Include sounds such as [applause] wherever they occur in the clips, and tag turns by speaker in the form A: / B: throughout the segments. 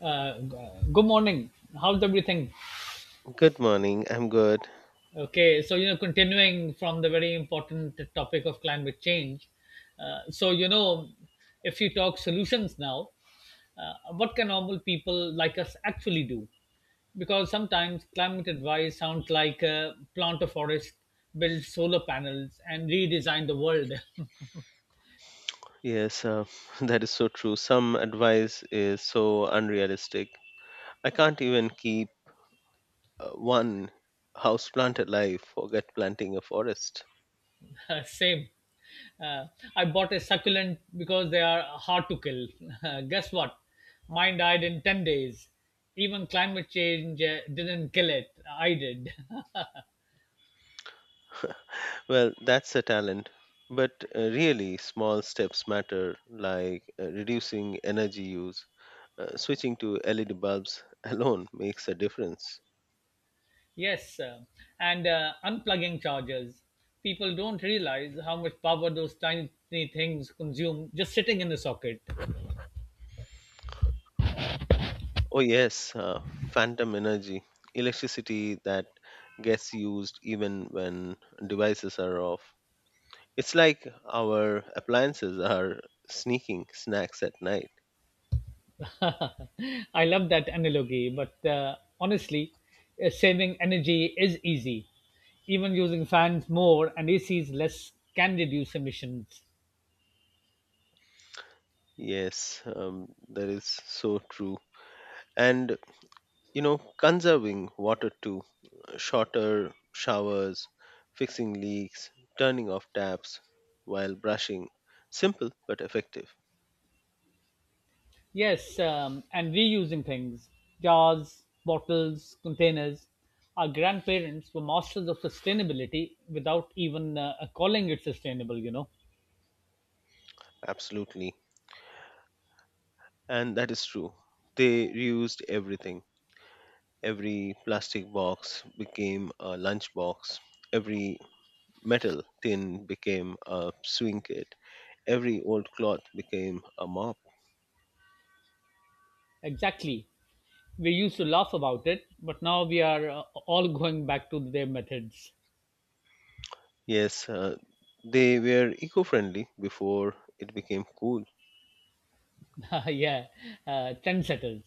A: Uh, Good morning. How's everything?
B: Good morning. I'm good.
A: Okay, so you know, continuing from the very important topic of climate change. So you know, if you talk solutions now, what can normal people like us actually do? Because sometimes climate advice sounds like plant a forest, build solar panels, and redesign the world.
B: Yes, uh, [laughs] that is so true. Some advice is so unrealistic. I can't even keep one house plant alive, forget planting a forest.
A: [laughs] Same. Uh, I bought a succulent because they are hard to kill. [laughs] Guess what? Mine died in 10 days. Even climate change didn't kill it. I did. [laughs]
B: Well, that's a talent. But really, small steps matter, like reducing energy use. Switching to LED bulbs [laughs] alone makes a difference.
A: Yes. And unplugging chargers. People don't realize how much power those tiny things consume just sitting in the socket.
B: Oh, yes, uh, Phantom energy, electricity that gets used even when devices are off. It's like our appliances are sneaking snacks at night.
A: [laughs] I love that analogy, but honestly, saving energy is easy. Even using fans more and ACs less can reduce emissions.
B: Yes, that is so true. And, you know, conserving water too, shorter showers, fixing leaks, turning off taps while brushing. Simple but effective.
A: Yes, and reusing things, jars, bottles, containers. Our grandparents were masters of sustainability without even calling it sustainable, you know.
B: Absolutely. And that is true. They reused everything. Every plastic box became a lunch box. Every metal tin became a swing kit, every old cloth became a mop.
A: Exactly. We used to laugh about it, but now we are all going back to their methods.
B: Yes, uh, they were eco friendly before it became cool.
A: [laughs] Yeah, trendsetters.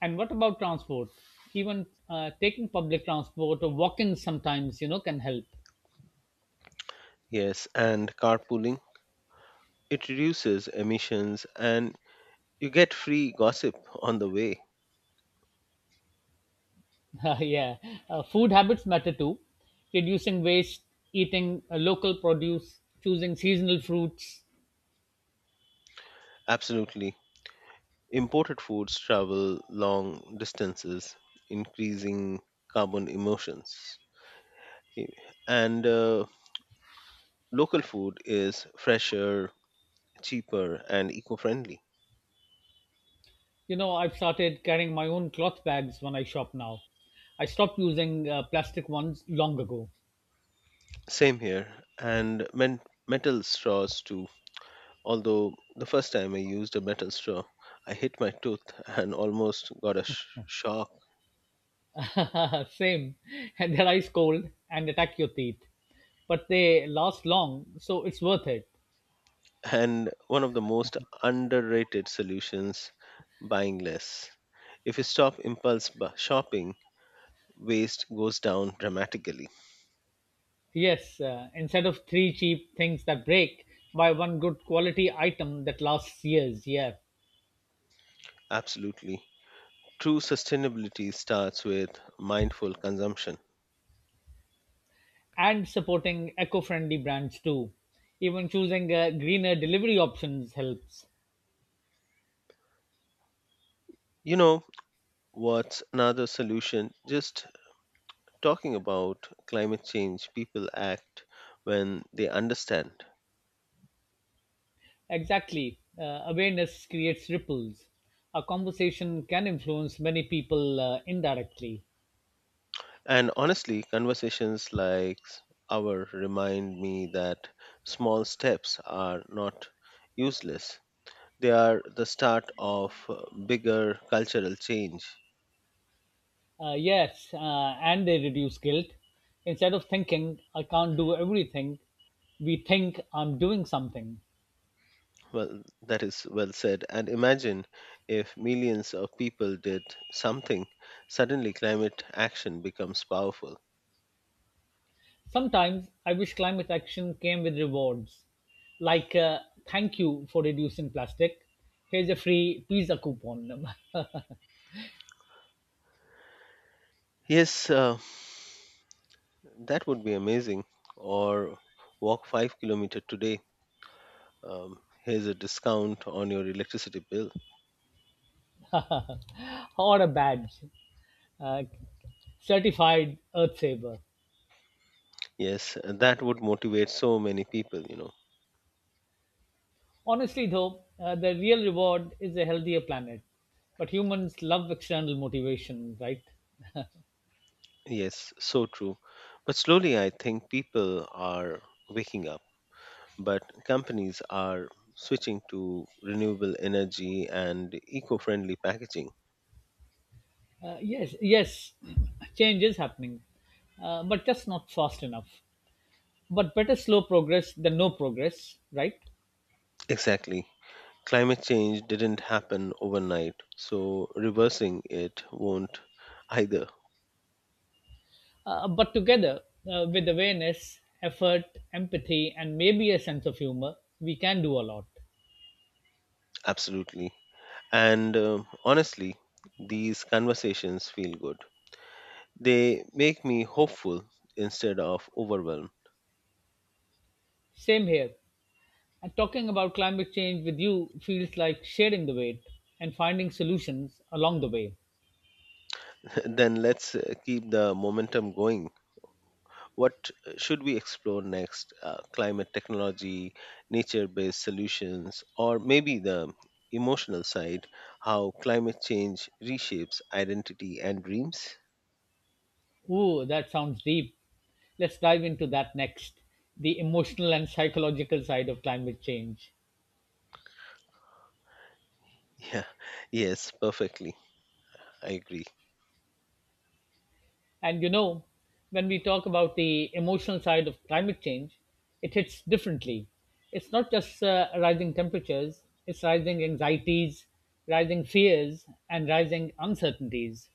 A: And what about transport? Even taking public transport or walking sometimes, you know, can help.
B: Yes, and carpooling. It reduces emissions and you get free gossip on the way.
A: [laughs] Yeah, food habits matter too. Reducing waste, eating local produce, choosing seasonal fruits.
B: Absolutely. Imported foods travel long distances, increasing carbon emissions. Okay. And Local food is fresher, cheaper, and eco friendly.
A: You know, I've started carrying my own cloth bags when I shop now. I stopped using plastic ones long ago.
B: Same here. And men- Metal straws, too. Although the first time I used a metal straw, I hit my tooth and almost got a shock.
A: [laughs] Same, and they're ice cold and attack your teeth, but they last long, so it's worth it.
B: And one of the most underrated solutions, buying less. If you stop impulse shopping, waste goes down dramatically.
A: Yes, instead of three cheap things that break, buy one good quality item that lasts years. Yeah.
B: Absolutely. True sustainability starts with mindful consumption.
A: And supporting eco-friendly brands too. Even choosing greener delivery options helps.
B: You know, what's another solution? Just talking about climate change, people act when they understand.
A: Exactly, awareness creates ripples. A conversation can influence many people indirectly.
B: And honestly, conversations like our remind me that small steps are not useless. They are the start of bigger cultural change.
A: Yes, and they reduce guilt. Instead of thinking I can't do everything, we think I'm doing something.
B: Well, that is well said. And imagine if millions of people did something, suddenly climate action becomes powerful.
A: Sometimes I wish climate action came with rewards, like thank you for reducing plastic. Here's a free pizza coupon. [laughs]
B: Yes, uh, that would be amazing. Or walk 5 km today. Um, Here's a discount on your electricity bill.
A: Or a badge, uh, certified earth saver.
B: Yes, and that would motivate so many people, you know.
A: Honestly though, the real reward is a healthier planet, but humans love external motivation, right?
B: Yes, so true. But slowly, I think people are waking up, but companies are switching to renewable energy and eco friendly packaging.
A: Yes, yes. [clears throat] Change is happening, but just not fast enough, but better slow progress than no progress, right?
B: Exactly. Climate change didn't happen overnight, so reversing it won't either.
A: But together with awareness, effort, empathy, and maybe a sense of humor, we can do a lot.
B: Absolutely. And Honestly, these conversations feel good. They make me hopeful instead of overwhelmed.
A: Same here. And talking about climate change with you feels like sharing the weight and finding solutions along the way.
B: [laughs] Then let's keep the momentum going. What should we explore next? Climate technology, nature based solutions, or maybe the emotional side, how climate change reshapes identity and dreams?
A: Ooh, that sounds deep. Let's dive into that next, the emotional and psychological side of climate change.
B: Yeah, [laughs] yes, perfectly. I agree.
A: And you know, when we talk about the emotional side of climate change, it hits differently. It's not just rising temperatures, it's rising anxieties, rising fears, and rising uncertainties.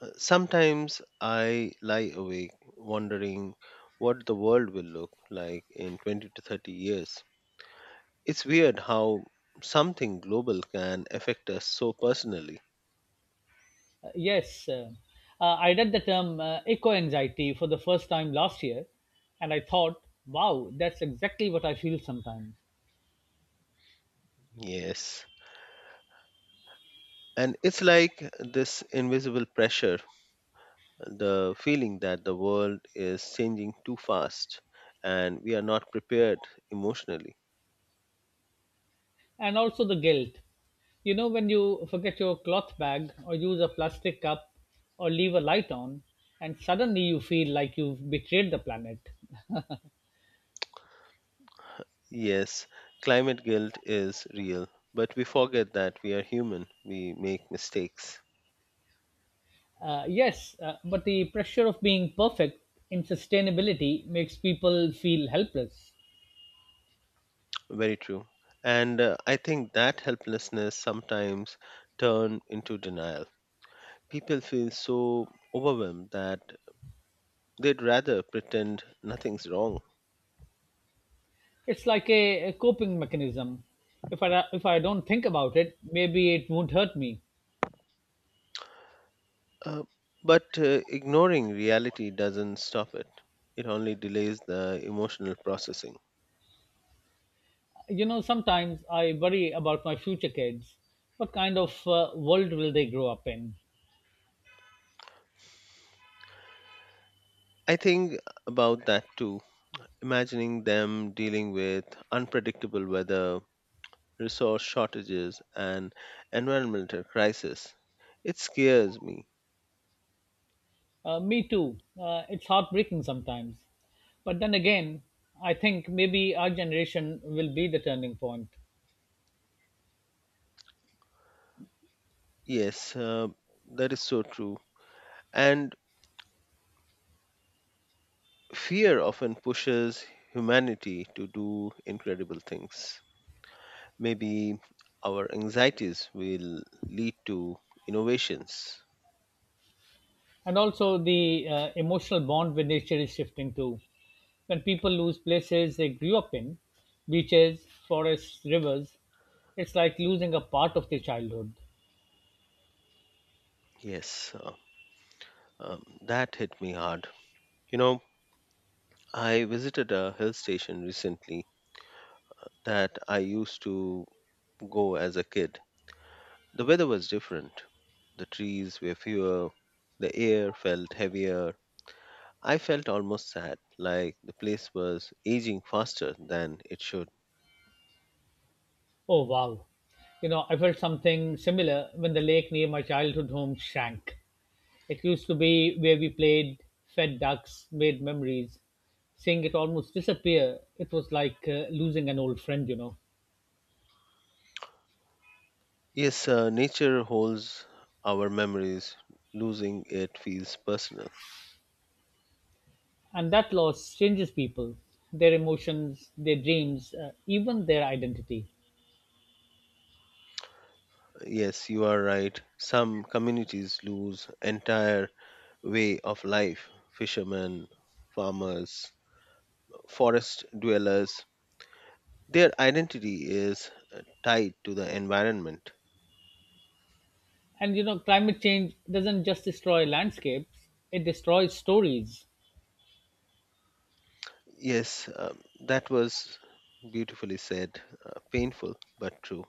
B: Sometimes I lie awake wondering what the world will look like in 20 to 30 years. It's weird how something global can affect us so personally.
A: Yes, I read the term eco anxiety for the first time last year, and I thought, wow, that's exactly what I feel sometimes.
B: Yes. And it's like this invisible pressure, the feeling that the world is changing too fast and we are not prepared emotionally.
A: And also the guilt. You know, when you forget your cloth bag or use a plastic cup or leave a light on, and suddenly you feel like you've betrayed the planet.
B: Yes, climate guilt is real, but we forget that we are human. We make mistakes.
A: Yes, but the pressure of being perfect in sustainability makes people feel helpless.
B: Very true. And I think that helplessness sometimes turn into denial. People feel so overwhelmed that they'd rather pretend nothing's wrong.
A: It's like a coping mechanism. If I don't think about it, maybe it won't hurt me.
B: Uh, but ignoring reality doesn't stop it, it only delays the emotional processing.
A: You know, sometimes I worry about my future kids. What kind of world will they grow up in?
B: I think about that too, imagining them dealing with unpredictable weather, resource shortages, and environmental crisis. It scares me.
A: Me too. It's heartbreaking sometimes. But then again, I think maybe our generation will be the turning point.
B: Yes, uh, that is so true. And fear often pushes humanity to do incredible things. Maybe our anxieties will lead to innovations.
A: And also the emotional bond with nature is shifting too. When people lose places they grew up in, beaches, forests, rivers, it's like losing a part of their childhood.
B: Yes, uh, that hit me hard. You know, I visited a hill station recently that I used to go as a kid. The weather was different, the trees were fewer, the air felt heavier. I felt almost sad, like the place was aging faster than it should.
A: Oh wow. You know, I felt something similar when the lake near my childhood home shrank. It used to be where we played, fed ducks, made memories. Seeing it almost disappear, it was like losing an old friend, you know.
B: Yes, Nature holds our memories, losing it feels personal.
A: And that loss changes people, their emotions, their dreams, even their identity.
B: Yes, you are right. Some communities lose entire way of life. Fishermen, farmers, forest dwellers. Their identity is tied to the environment.
A: And you know, climate change doesn't just destroy landscapes, it destroys stories.
B: Yes, um, that was beautifully said. Painful, but true.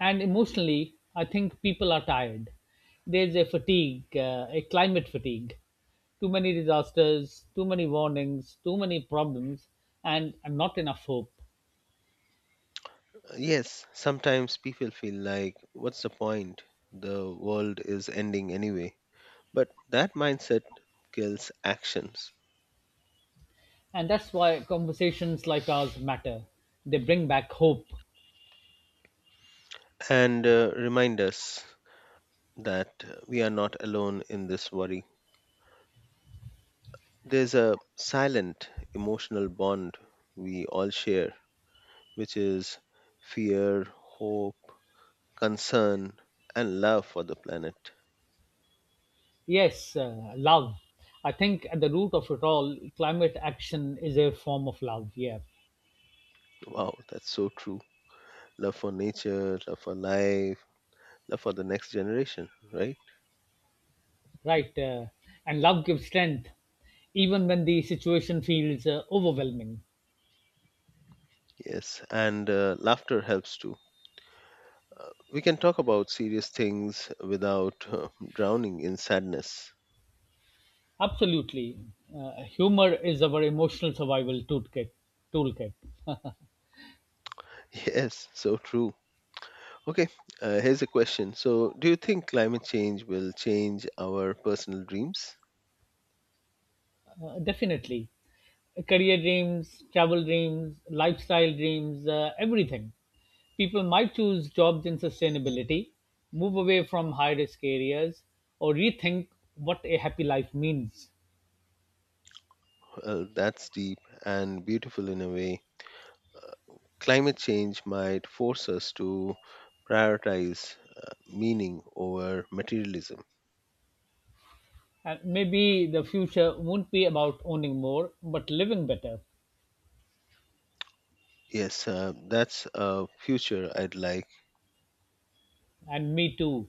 A: And emotionally, I think people are tired. There's a fatigue, a climate fatigue. Too many disasters, too many warnings, too many problems, and not enough hope.
B: Yes, sometimes people feel like, what's the point? The world is ending anyway. But that mindset kills actions,
A: And that's why conversations like ours matter. They bring back hope.
B: and remind us that we are not alone in this worry. There's a silent emotional bond we all share, which is fear, hope, concern, and love for the planet.
A: Yes, love. I think at the root of it all, climate action is a form of love. Yeah,
B: Wow, that's so true. Love for nature, love for life, love for the next generation, right?
A: right. And love gives strength, even when the situation feels overwhelming.
B: Yes, and laughter helps too. We can talk about serious things without drowning in sadness.
A: Absolutely. Humor is our emotional survival toolkit. Toolkit.
B: [laughs] Yes, so true. Okay, here's a question. So, do you think climate change will change our personal dreams?
A: Definitely. Career dreams, travel dreams, lifestyle dreams, everything. People might choose jobs in sustainability, move away from high risk areas, or rethink what a happy life means.
B: Well, that's deep and beautiful in a way. Uh, Climate change might force us to prioritize meaning over materialism.
A: And maybe the future won't be about owning more, but living better.
B: Yes, that's a future I'd like.
A: And me too.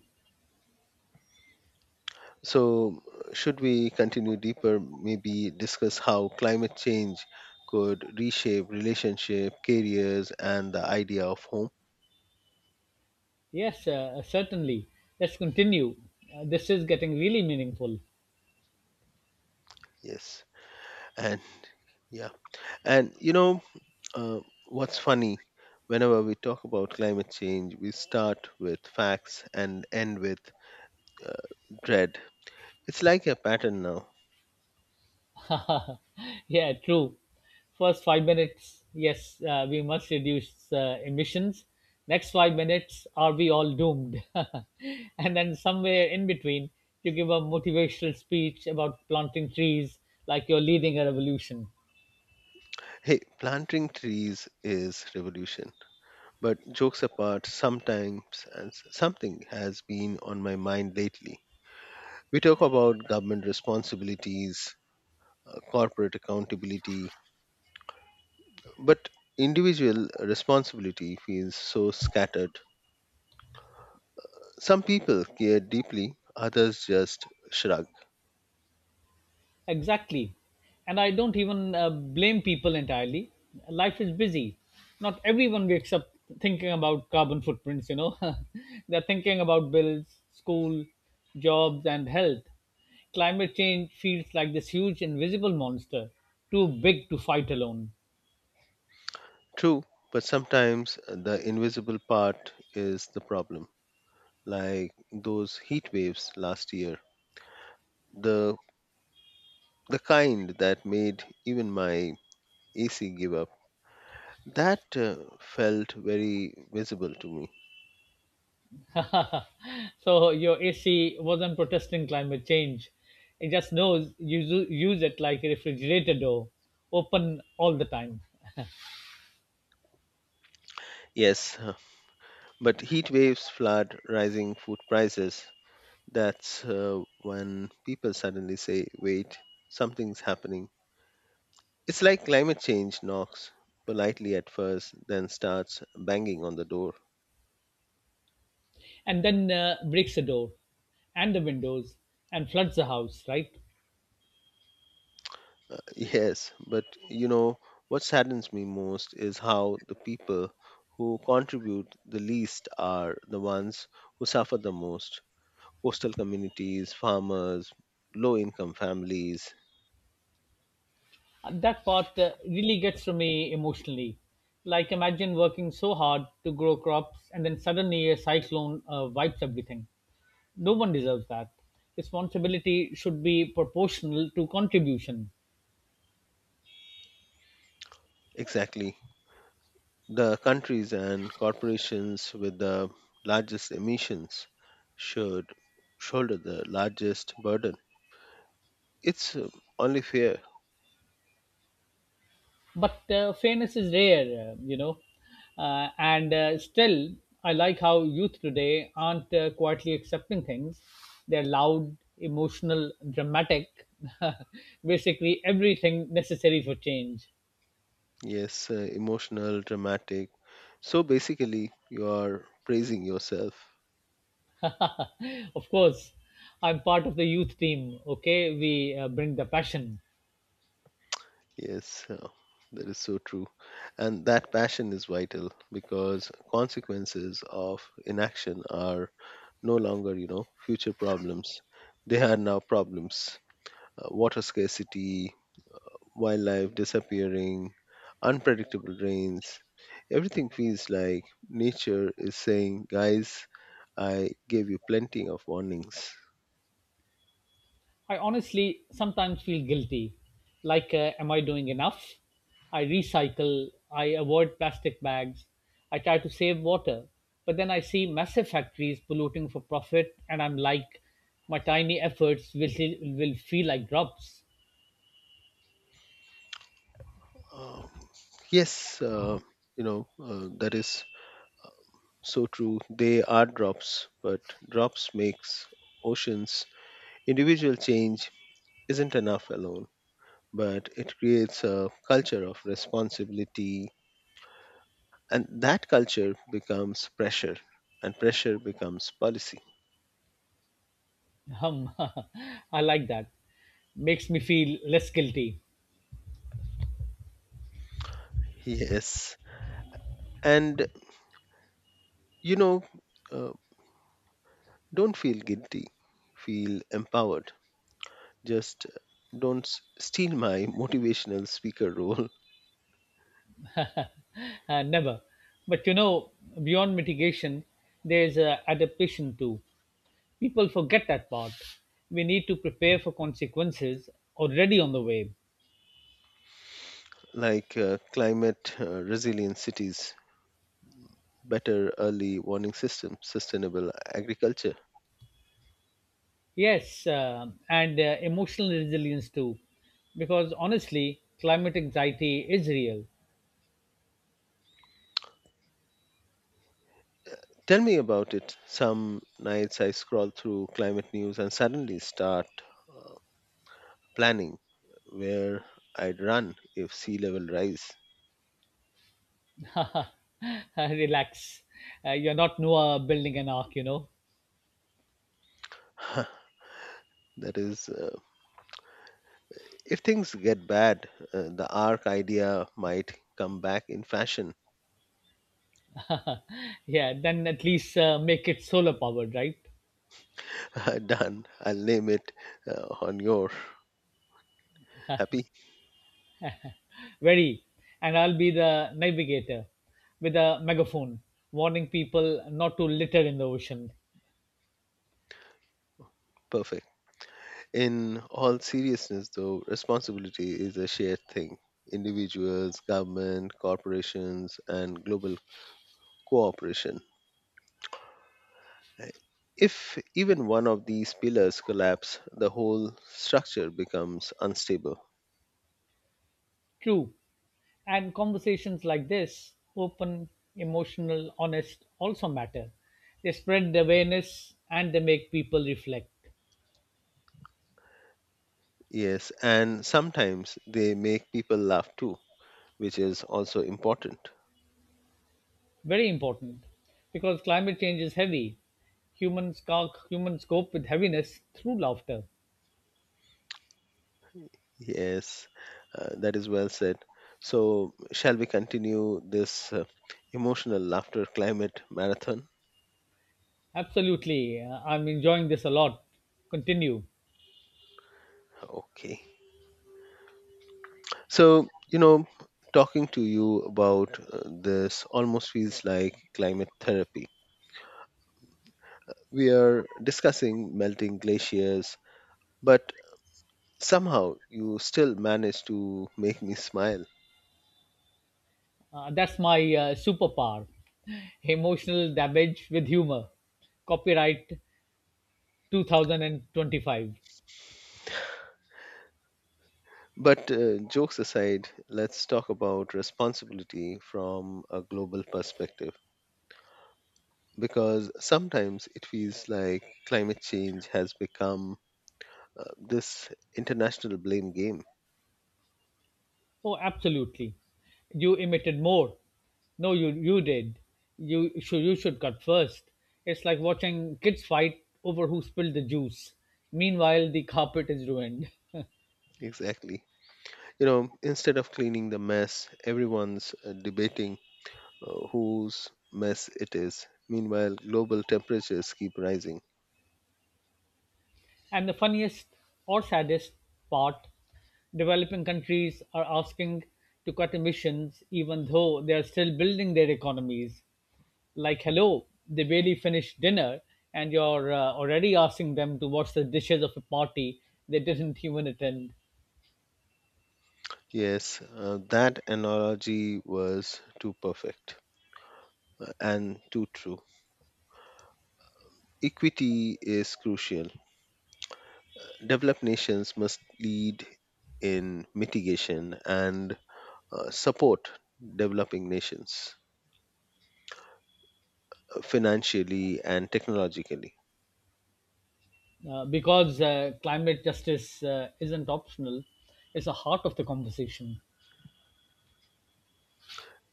B: So, should we continue deeper? Maybe discuss how climate change could reshape relationship, careers, and the idea of home.
A: Yes, certainly. Let's continue. This is getting really meaningful.
B: Yes. and yeah and you know, uh, what's funny, whenever we talk about climate change we start with facts and end with uh, dread. It's like a pattern now.
A: [laughs] Yeah, true. First 5 minutes, yes, we must reduce emissions. Next 5 minutes, are we all doomed? [laughs] And then somewhere in between, you give a motivational speech about planting trees like you're leading a revolution.
B: Hey, planting trees is revolution, but jokes apart, something has been on my mind lately. We talk about government responsibilities, corporate accountability, but individual responsibility feels so scattered. Some people care deeply, others just shrug.
A: Exactly. And I don't even blame people entirely. Life is busy. Not everyone wakes up thinking about carbon footprints, you know. [laughs] They're thinking about bills, school, jobs, and health. Climate change feels like this huge invisible monster, too big to fight alone.
B: True, but sometimes the invisible part is the problem, like those heat waves last year. The the kind that made even my AC give up. That felt very visible to me.
A: [laughs] So your AC wasn't protesting climate change. It just knows you use it like a refrigerator door, open all the time.
B: Yes, [laughs] but heat waves, flood, rising food prices. That's when people suddenly say, wait, something's happening. It's like climate change knocks politely at first, then starts banging on the door.
A: And then breaks the door and the windows and floods the house, right?
B: [laughs] Yes, but you know, what saddens me most is how the people who contribute the least are the ones who suffer the most, coastal communities, farmers, low income families.
A: That part really gets to me emotionally, like imagine working so hard to grow crops and then suddenly a cyclone wipes everything. No one deserves that. Responsibility should be proportional to contribution.
B: Exactly. The countries and corporations with the largest emissions should shoulder the largest burden. It's only fair.
A: But fairness is rare, you know. And still, I like how youth today aren't quietly accepting things. They're loud, emotional, dramatic, [laughs] basically everything necessary for change.
B: Yes, Emotional, dramatic. So basically, you are praising yourself.
A: Of course, I'm part of the youth team. Okay, we bring the passion.
B: Yes, uh, that is so true. And that passion is vital because consequences of inaction are no longer, you know, future problems. They are now problems. Water scarcity, wildlife disappearing, unpredictable rains. Everything feels like nature is saying, guys, I gave you plenty of warnings.
A: I honestly sometimes feel guilty. Like, am I doing enough? I recycle, I avoid plastic bags, I try to save water. But then I see massive factories polluting for profit, and I'm like, my tiny efforts will, will feel like drops.
B: Um, yes, uh, you know that is so true. They are drops, but drops makes oceans. Individual change isn't enough alone, but it creates a culture of responsibility, and that culture becomes pressure, and pressure becomes policy. [laughs]
A: Hum. [laughs] I like that. Makes me feel less guilty.
B: Yes, and you know, uh, don't feel guilty. Feel empowered. Just don't steal my [laughs] motivational speaker role.
A: Never. But you know, beyond mitigation, there's adaptation too. People forget that part. We need to prepare for consequences already on the way.
B: Like climate resilient cities, better early warning systems, sustainable agriculture.
A: Yes, and emotional resilience too, because honestly, climate anxiety is real.
B: Tell me about it. Some nights I scroll through climate news and suddenly start uh, planning where I'd run if sea level rise.
A: [laughs] Relax. You're not Noah building an ark, you know.
B: [laughs] That is, if things get bad, the arc idea might come back in fashion.
A: Yeah, then at least make it solar powered, right?
B: [laughs] Done. I'll name it on your happy.
A: Very. And I'll be the navigator with a megaphone, warning people not to litter in the ocean.
B: Perfect. In all seriousness, though, responsibility is a shared thing. Individuals, government, corporations, and global cooperation. If even one of these pillars collapse, the whole structure becomes unstable.
A: True. And conversations like this, open, emotional, honest, also matter. They spread the awareness and they make people reflect.
B: Yes, and sometimes they make people laugh too, which is also important.
A: Very important because climate change is heavy. Humans cope with heaviness through laughter.
B: Yes, that is well said. So, shall we continue this emotional laughter climate marathon?
A: Absolutely. I'm enjoying this a lot. Continue.
B: Okay. So, you know, talking to you about this almost feels like climate therapy. We are discussing melting glaciers, but somehow you still manage to make me smile.
A: That's my superpower, emotional damage with humor. Copyright 2025.
B: But jokes aside, let's talk about responsibility from a global perspective because sometimes it feels like climate change has become this international blame game.
A: Oh, absolutely. You emitted more. No, you did. You should cut first. It's like watching kids fight over who spilled the juice. Meanwhile, the carpet is ruined.
B: Exactly. You know, instead of cleaning the mess, everyone's debating whose mess it is. Meanwhile, global temperatures keep rising.
A: And the funniest or saddest part, developing countries are asking to cut emissions even though they are still building their economies. Like, hello, they barely finished dinner and you're already asking them to wash the dishes of a party they didn't even attend.
B: Yes, that analogy was too perfect and too true. Equity is crucial. Developed nations must lead in mitigation and support developing nations financially and technologically.
A: Because climate justice isn't optional, it's the heart of the conversation.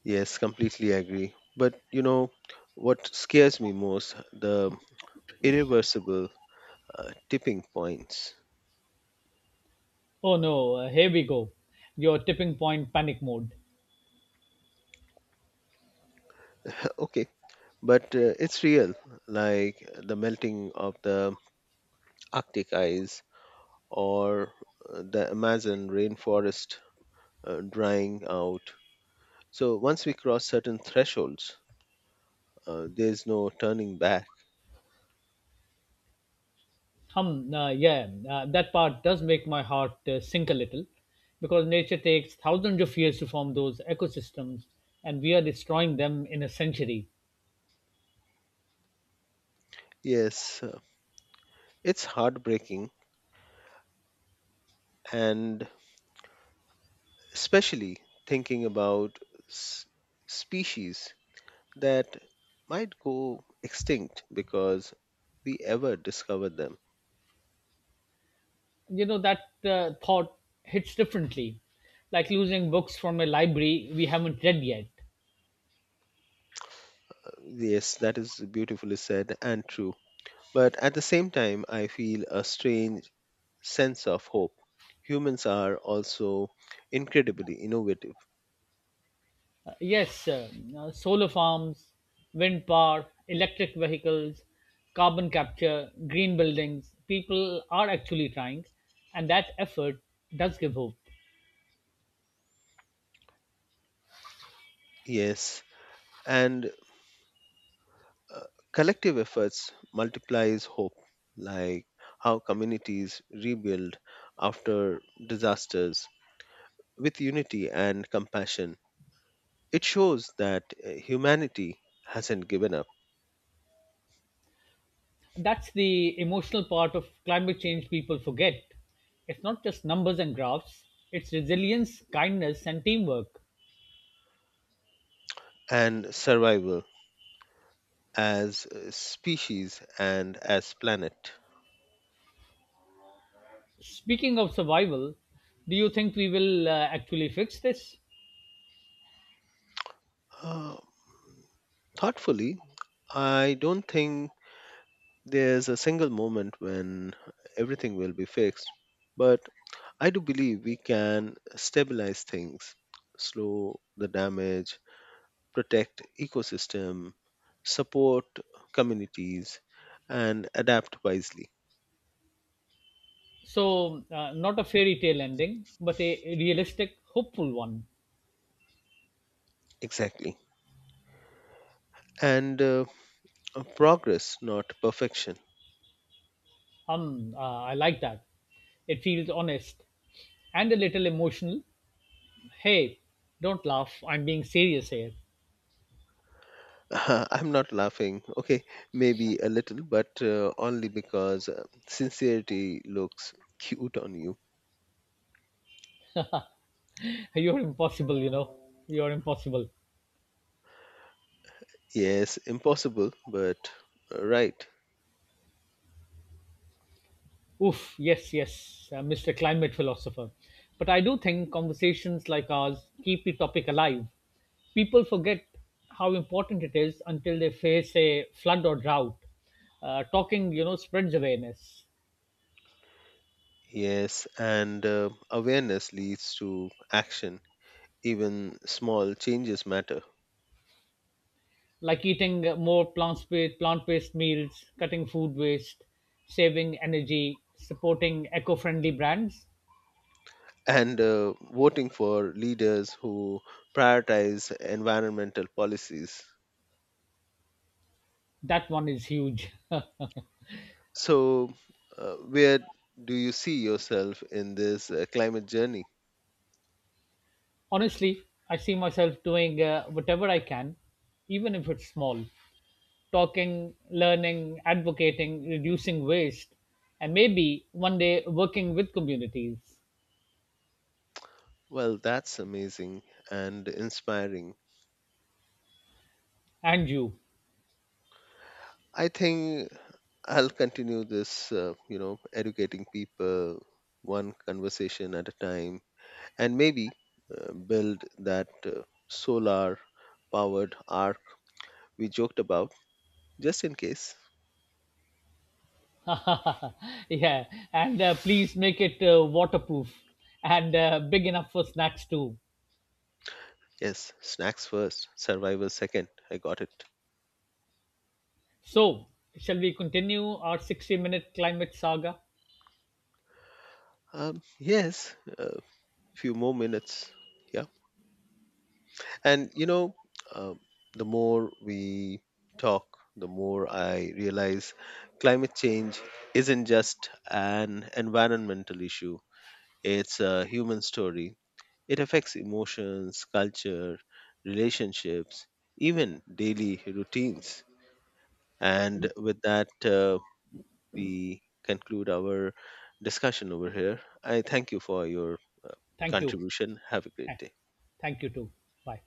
B: Yes, completely agree. But you know, what scares me most, the irreversible tipping points.
A: Oh no, here we go. Your tipping point panic mode.
B: Okay, but it's real, like the melting of the Arctic ice or the Amazon rainforest drying out. So once we cross certain thresholds, there's no turning back.
A: Yeah, that part does make my heart sink a little because nature takes thousands of years to form those ecosystems and we are destroying them in a century.
B: Yes, uh, it's heartbreaking, and especially thinking about s- species that might go extinct because we ever discover them.
A: You know, that thought hits differently, like losing books from a library we haven't read yet.
B: Yes, that is beautifully said and true. But at the same time, I feel a strange sense of hope. Humans are also incredibly innovative.
A: Yes, solar farms, wind power, electric vehicles, carbon capture, green buildings. People are actually trying, and that effort does give hope.
B: Yes, and uh, collective efforts multiplies hope, like how communities rebuild after disasters with unity and compassion. It shows that humanity hasn't given up
A: That's the emotional part of climate change people forget. It's not just numbers and graphs, it's resilience, kindness, and teamwork.
B: and survival as a species and as planet.
A: Speaking of survival, do you think we will actually fix this?
B: Uh, Thoughtfully, I don't think there's a single moment when everything will be fixed, but I do believe we can stabilize things, slow the damage, protect ecosystem, support communities and adapt wisely.
A: So, not a fairy tale ending, but a realistic, hopeful one.
B: Exactly. And progress, not perfection.
A: I like that. It feels honest and a little emotional. Hey, don't laugh. I'm being serious here.
B: [laughs] I'm not laughing. Okay, maybe a little, but only because sincerity looks cute on you.
A: [laughs] You're impossible, you know. You're impossible.
B: Yes, impossible, but right.
A: Oof, yes, yes, Mr. Climate Philosopher. But I do think conversations like ours keep the topic alive. People forget how important it is until they face a flood or drought. Talking, you know, spreads awareness.
B: Yes, and awareness leads to action. Even small changes matter.
A: Like eating more plant-based meals, cutting food waste, saving energy, supporting eco-friendly brands.
B: And voting for leaders who prioritize environmental policies.
A: That one is huge.
B: So, where do you see yourself in this climate journey?
A: [laughs] Honestly, I see myself doing whatever I can, even if it's small. Talking, learning, advocating, reducing waste, and maybe one day working with communities.
B: Well, that's amazing and inspiring.
A: And you.
B: I think I'll continue this, you know, educating people one conversation at a time and maybe build that solar powered arc we joked about, just in case.
A: [laughs] Yeah, and please make it waterproof and big enough for snacks too.
B: Yes, snacks first, survival second. I got it.
A: So, shall we continue our 60-minute minute climate saga?
B: Yes, a few more minutes. Yeah. And you know, uh, the more we talk, the more I realize climate change isn't just an environmental issue, it's a human story. It affects emotions, culture, relationships, even daily routines. And with that, we conclude our discussion over here. I thank you for your
A: Thank you.
B: contribution. Have a great
A: Eh,
B: day.
A: thank you too. Bye.